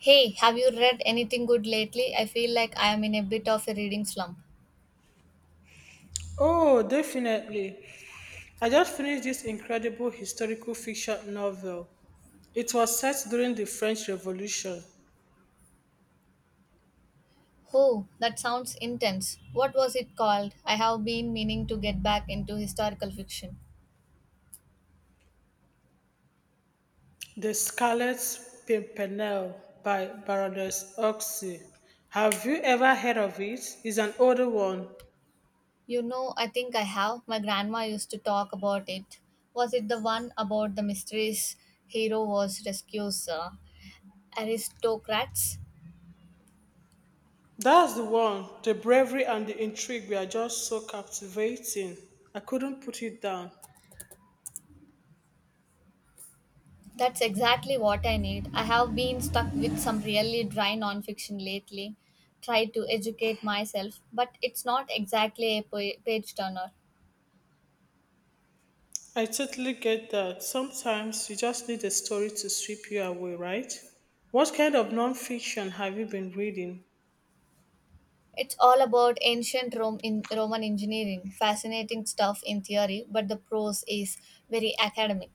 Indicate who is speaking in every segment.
Speaker 1: Hey, have you read anything good lately? I feel like I am in a bit of a reading slump.
Speaker 2: Oh, definitely. I just finished this incredible historical fiction novel. It was set during the French Revolution,
Speaker 1: Oh, that sounds intense. What was it called? I have been meaning to get back into historical fiction.
Speaker 2: The Scarlet Pimpernel by Baroness Oxy. Have you ever heard of it? It's an older one.
Speaker 1: You know, I think I have. My grandma used to talk about it. Was it the one about the mysterious hero was rescues aristocrats?
Speaker 2: That's the one. The bravery and the intrigue were just so captivating. I couldn't put it down.
Speaker 1: That's exactly what I need. I have been stuck with some really dry nonfiction lately, tried to educate myself, but it's not exactly a page turner.
Speaker 2: I totally get that. Sometimes you just need a story to sweep you away, right? What kind of nonfiction have you been reading?
Speaker 1: It's all about ancient Rome in Roman engineering, fascinating stuff in theory, but the prose is very academic.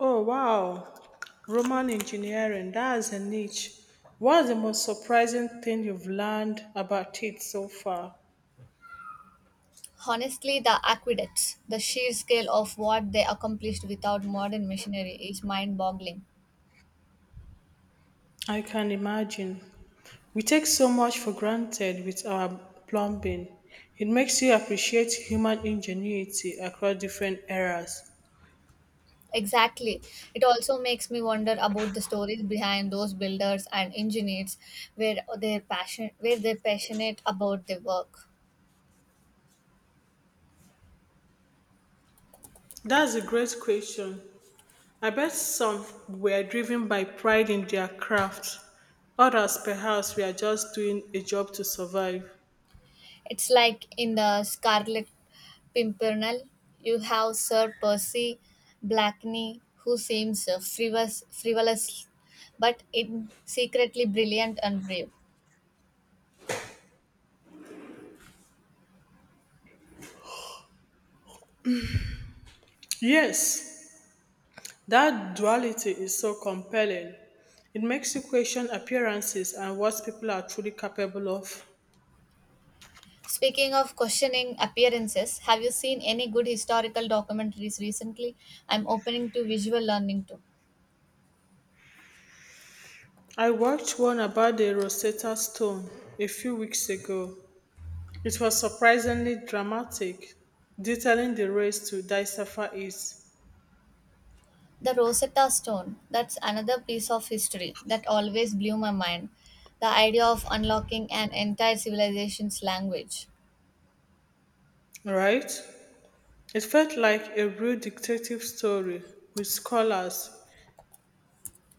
Speaker 2: Oh, wow. Roman engineering, that's a niche. What's the most surprising thing you've learned about it so far?
Speaker 1: Honestly, the aqueducts, the sheer scale of what they accomplished without modern machinery is mind boggling.
Speaker 2: I can imagine. We take so much for granted with our plumbing. It makes you appreciate human ingenuity across different eras.
Speaker 1: Exactly. It also makes me wonder about the stories behind those builders and engineers where they're passionate about their work.
Speaker 2: That's a great question. I bet some were driven by pride in their craft. Others, perhaps, were just doing a job to survive.
Speaker 1: It's like in the Scarlet Pimpernel, you have Sir Percy Blakeney who seems frivolous but in secretly brilliant and brave.
Speaker 2: Yes, that duality is so compelling. It makes you question appearances and what people are truly capable of.
Speaker 1: Speaking of questioning appearances, have you seen any good historical documentaries recently? I'm opening to visual learning too.
Speaker 2: I watched one about the Rosetta Stone a few weeks ago. It was surprisingly dramatic, detailing the race to decipher it,
Speaker 1: The Rosetta Stone, that's another piece of history that always blew my mind. The idea of unlocking an entire civilization's language.
Speaker 2: right? It felt like a real detective story with scholars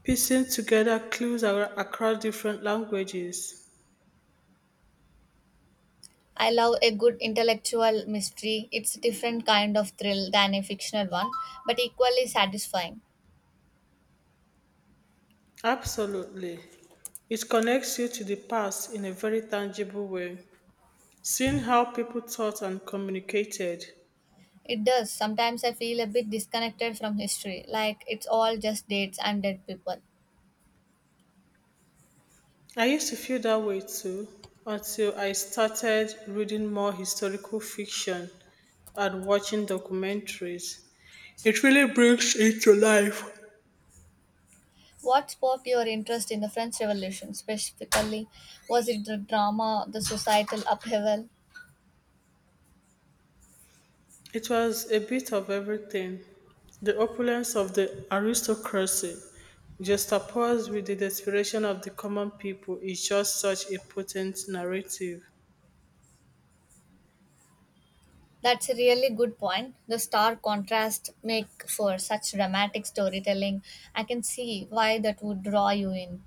Speaker 2: piecing together clues across different languages.
Speaker 1: I love a good intellectual mystery. It's a different kind of thrill than a fictional one, but equally satisfying.
Speaker 2: Absolutely. It connects you to the past in a very tangible way, seeing how people thought and communicated.
Speaker 1: It does. Sometimes I feel a bit disconnected from history, like it's all just dates and dead people.
Speaker 2: I used to feel that way too until I started reading more historical fiction and watching documentaries. It really brings it to life.
Speaker 1: What sparked your interest in the French Revolution specifically? Was it the drama, the societal upheaval?
Speaker 2: It was a bit of everything. The opulence of the aristocracy, juxtaposed with the desperation of the common people, is just such a potent narrative.
Speaker 1: That's a really good point. The stark contrast make for such dramatic storytelling. I can see why that would draw you in.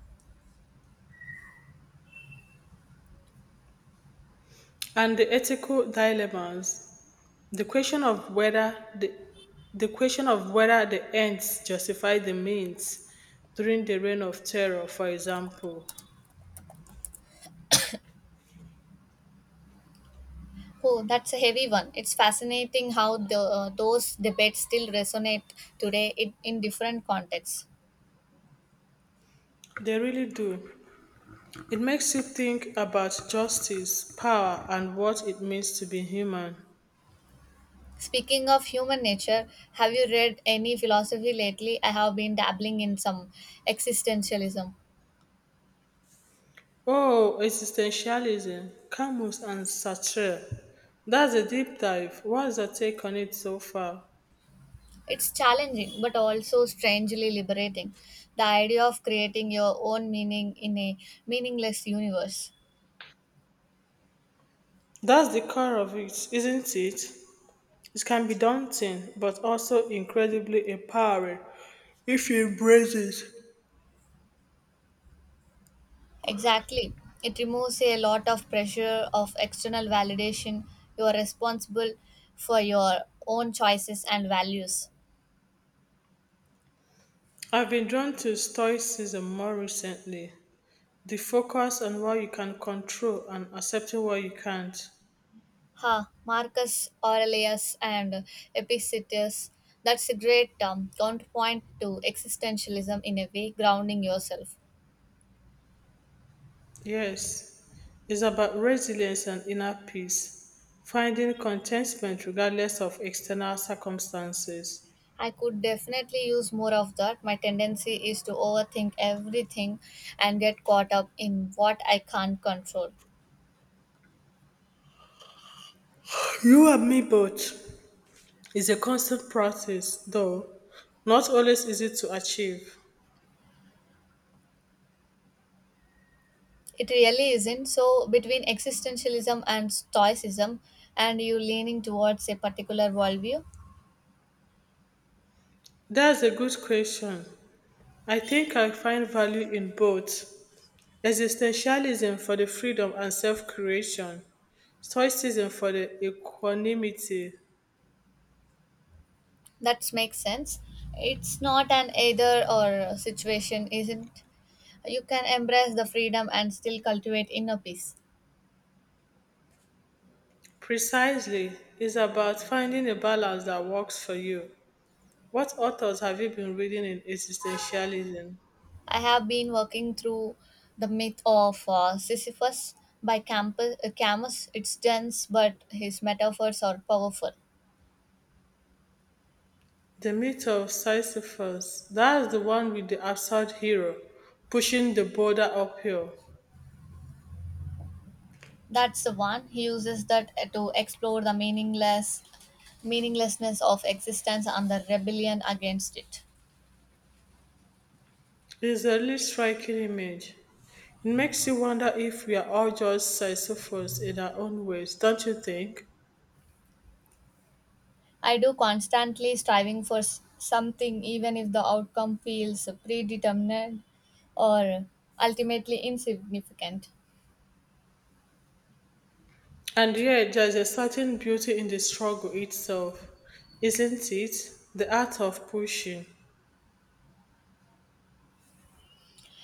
Speaker 2: And the ethical dilemmas. The question of whether the, the question of whether the ends justify the means during the reign of terror, for example.
Speaker 1: Oh, that's a heavy one. It's fascinating how the those debates still resonate today in different contexts.
Speaker 2: They really do. It makes you think about justice, power, and what it means to be human.
Speaker 1: Speaking of human nature, have you read any philosophy lately? I have been dabbling in some existentialism.
Speaker 2: Oh, existentialism, Camus and Sartre. That's a deep dive. What's your take on it so far?
Speaker 1: It's challenging, but also strangely liberating. The idea of creating your own meaning in a meaningless universe.
Speaker 2: That's the core of it, isn't it? It can be daunting, but also incredibly empowering if you embrace it.
Speaker 1: Exactly. It removes a lot of pressure of external validation. You are responsible for your own choices and values.
Speaker 2: I've been drawn to Stoicism more recently, the focus on what you can control and accepting what you can't.
Speaker 1: Ha, Marcus Aurelius and Epictetus. That's a great counterpoint to existentialism in a way, grounding yourself.
Speaker 2: Yes, it's about resilience and inner peace, finding contentment regardless of external circumstances.
Speaker 1: I could definitely use more of that. My tendency is to overthink everything and get caught up in what I can't control.
Speaker 2: You and me both is a constant practice, though not always easy to achieve.
Speaker 1: It really isn't. So, between existentialism and stoicism, and you leaning towards a particular worldview,
Speaker 2: That's a good question. I think I find value in both existentialism for the freedom and self creation, stoicism for the equanimity.
Speaker 1: that makes sense. It's not an either or situation, isn't? You can embrace the freedom and still cultivate inner peace.
Speaker 2: Precisely, it's about finding a balance that works for you. What authors have you been reading in existentialism?
Speaker 1: I have been working through The Myth of Sisyphus by Campus, Camus. It's dense, but his metaphors are powerful.
Speaker 2: The Myth of Sisyphus. That's the one with the absurd hero pushing the boulder uphill.
Speaker 1: That's the one. He uses that to explore the meaninglessness of existence and the rebellion against it.
Speaker 2: It's a really striking image. It makes you wonder if we are all just Sisyphus in our own ways, don't you think?
Speaker 1: I do constantly striving for something even if the outcome feels predetermined or ultimately insignificant.
Speaker 2: And yet, there's a certain beauty in the struggle itself, isn't it? The art of pushing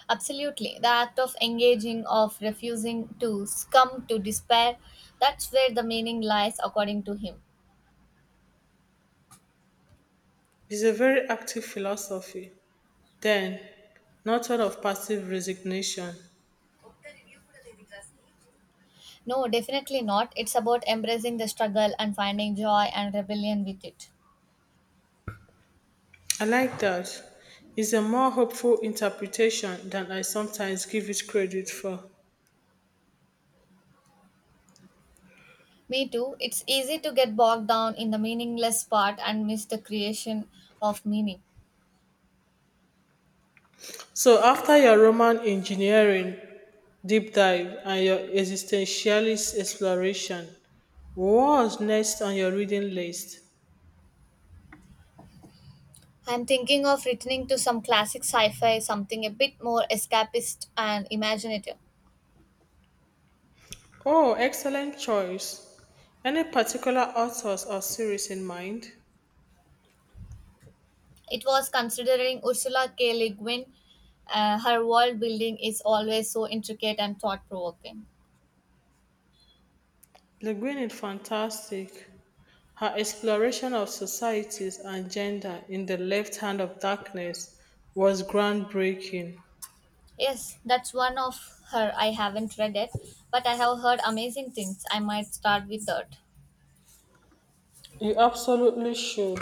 Speaker 1: Absolutely. The act of engaging, of refusing to succumb to despair, that's where the meaning lies, according to him.
Speaker 2: is a very active philosophy, then, not one of passive resignation.
Speaker 1: No, definitely not. It's about embracing the struggle and finding joy and rebellion with it.
Speaker 2: I like that. It's a more hopeful interpretation than I sometimes give it credit for.
Speaker 1: Me too. It's easy to get bogged down in the meaningless part and miss the creation of meaning.
Speaker 2: So, after your Roman engineering deep dive and your existentialist exploration, what's next on your reading list?
Speaker 1: I'm thinking of returning to some classic sci fi, something a bit more escapist and imaginative.
Speaker 2: Oh, excellent choice. Any particular authors or series in mind?
Speaker 1: It was considering Ursula K. Le Guin. Her world building is always so intricate and thought provoking.
Speaker 2: Le Guin is fantastic. Her exploration of societies and gender in The Left Hand of Darkness was groundbreaking.
Speaker 1: Yes, that's one of her. I haven't read it, but I have heard amazing things. I might start with that.
Speaker 2: You absolutely should.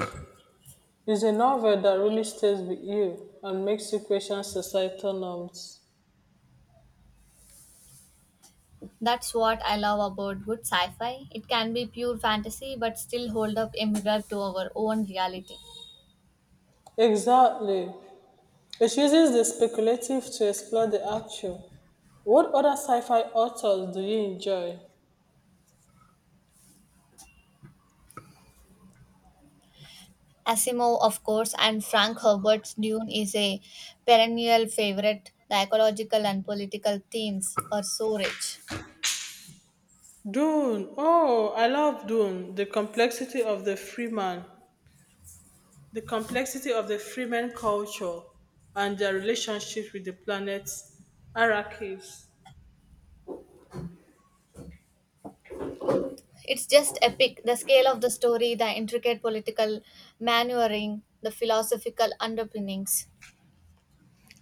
Speaker 2: It's a novel that really stays with you and makes you question societal norms.
Speaker 1: That's what I love about good sci fi. It can be pure fantasy, but still hold up a mirror to our own reality.
Speaker 2: Exactly. It uses the speculative to explore the actual. What other sci-fi authors do you enjoy?
Speaker 1: Asimov, of course, and Frank Herbert's Dune is a perennial favorite. The ecological and political themes are so rich.
Speaker 2: Dune. Oh, I love Dune. The complexity of the Fremen culture and their relationship with the planets, Arrakis
Speaker 1: It's just epic. The scale of the story, the intricate political maneuvering, the philosophical underpinnings.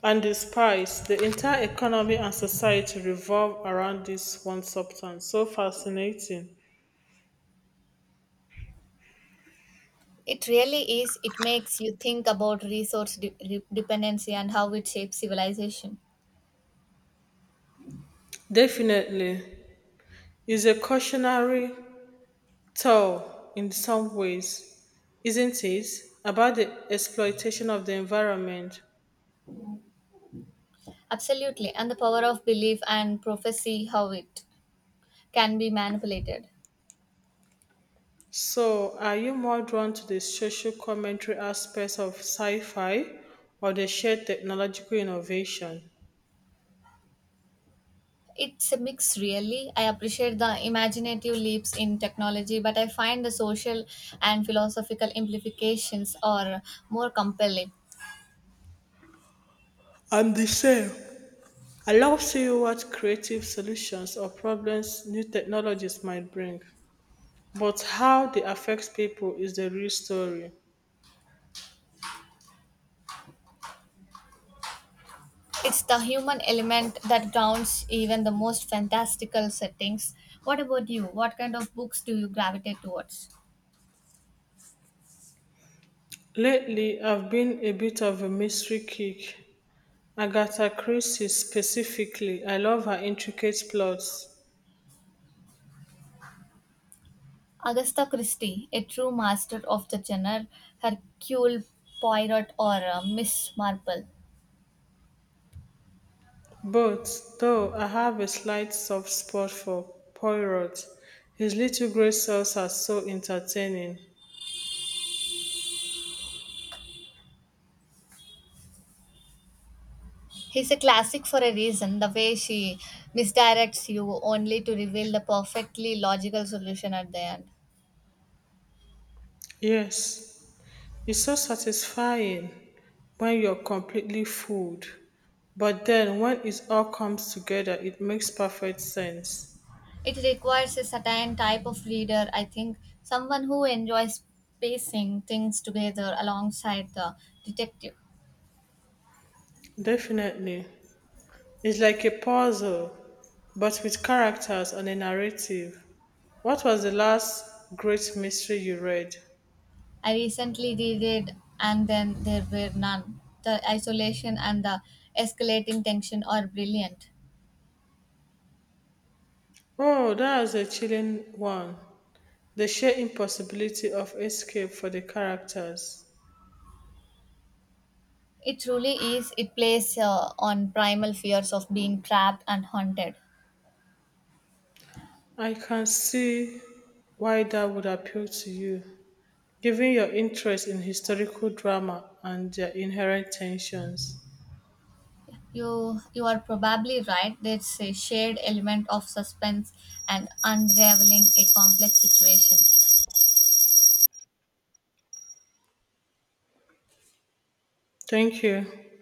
Speaker 2: and the spice, the entire economy and society revolve around this one substance. So fascinating.
Speaker 1: It really is. It makes you think about resource dependency and how it shapes civilization.
Speaker 2: Definitely is a cautionary tale in some ways, isn't it? About the exploitation of the environment.
Speaker 1: Absolutely. And the power of belief and prophecy, how it can be manipulated.
Speaker 2: So, are you more drawn to the social commentary aspects of sci fi or the shared technological innovation?
Speaker 1: It's a mix, really. I appreciate the imaginative leaps in technology, but I find the social and philosophical implications are more compelling.
Speaker 2: I'm the same. I love seeing what creative solutions or problems new technologies might bring, but how they affect people is the real story.
Speaker 1: It's the human element that grounds even the most fantastical settings. What about you? What kind of books do you gravitate towards?
Speaker 2: Lately, I've been a bit of a mystery kick. Agatha Christie specifically, I love her intricate plots.
Speaker 1: Agatha Christie, a true master of the genre, Hercule Poirot, or Miss Marple.
Speaker 2: But, though I have a slight soft spot for Poirot, his little grey cells are so entertaining.
Speaker 1: He's a classic for a reason. The way she misdirects you only to reveal the perfectly logical solution at the end.
Speaker 2: Yes, it's so satisfying when you're completely fooled. But then, when it all comes together, it makes perfect sense.
Speaker 1: It requires a certain type of reader, I think, someone who enjoys pacing things together alongside the detective.
Speaker 2: Definitely. It's like a puzzle, but with characters and a narrative. What was the last great mystery you read?
Speaker 1: I recently reread And Then There Were None. The isolation and the escalating tension are brilliant.
Speaker 2: Oh, that was a chilling one. The sheer impossibility of escape for the characters.
Speaker 1: It truly is. It plays on primal fears of being trapped and haunted.
Speaker 2: I can see why that would appeal to you, given your interest in historical drama and their inherent tensions.
Speaker 1: You are probably right. There's a shared element of suspense and unraveling a complex situation.
Speaker 2: Thank you.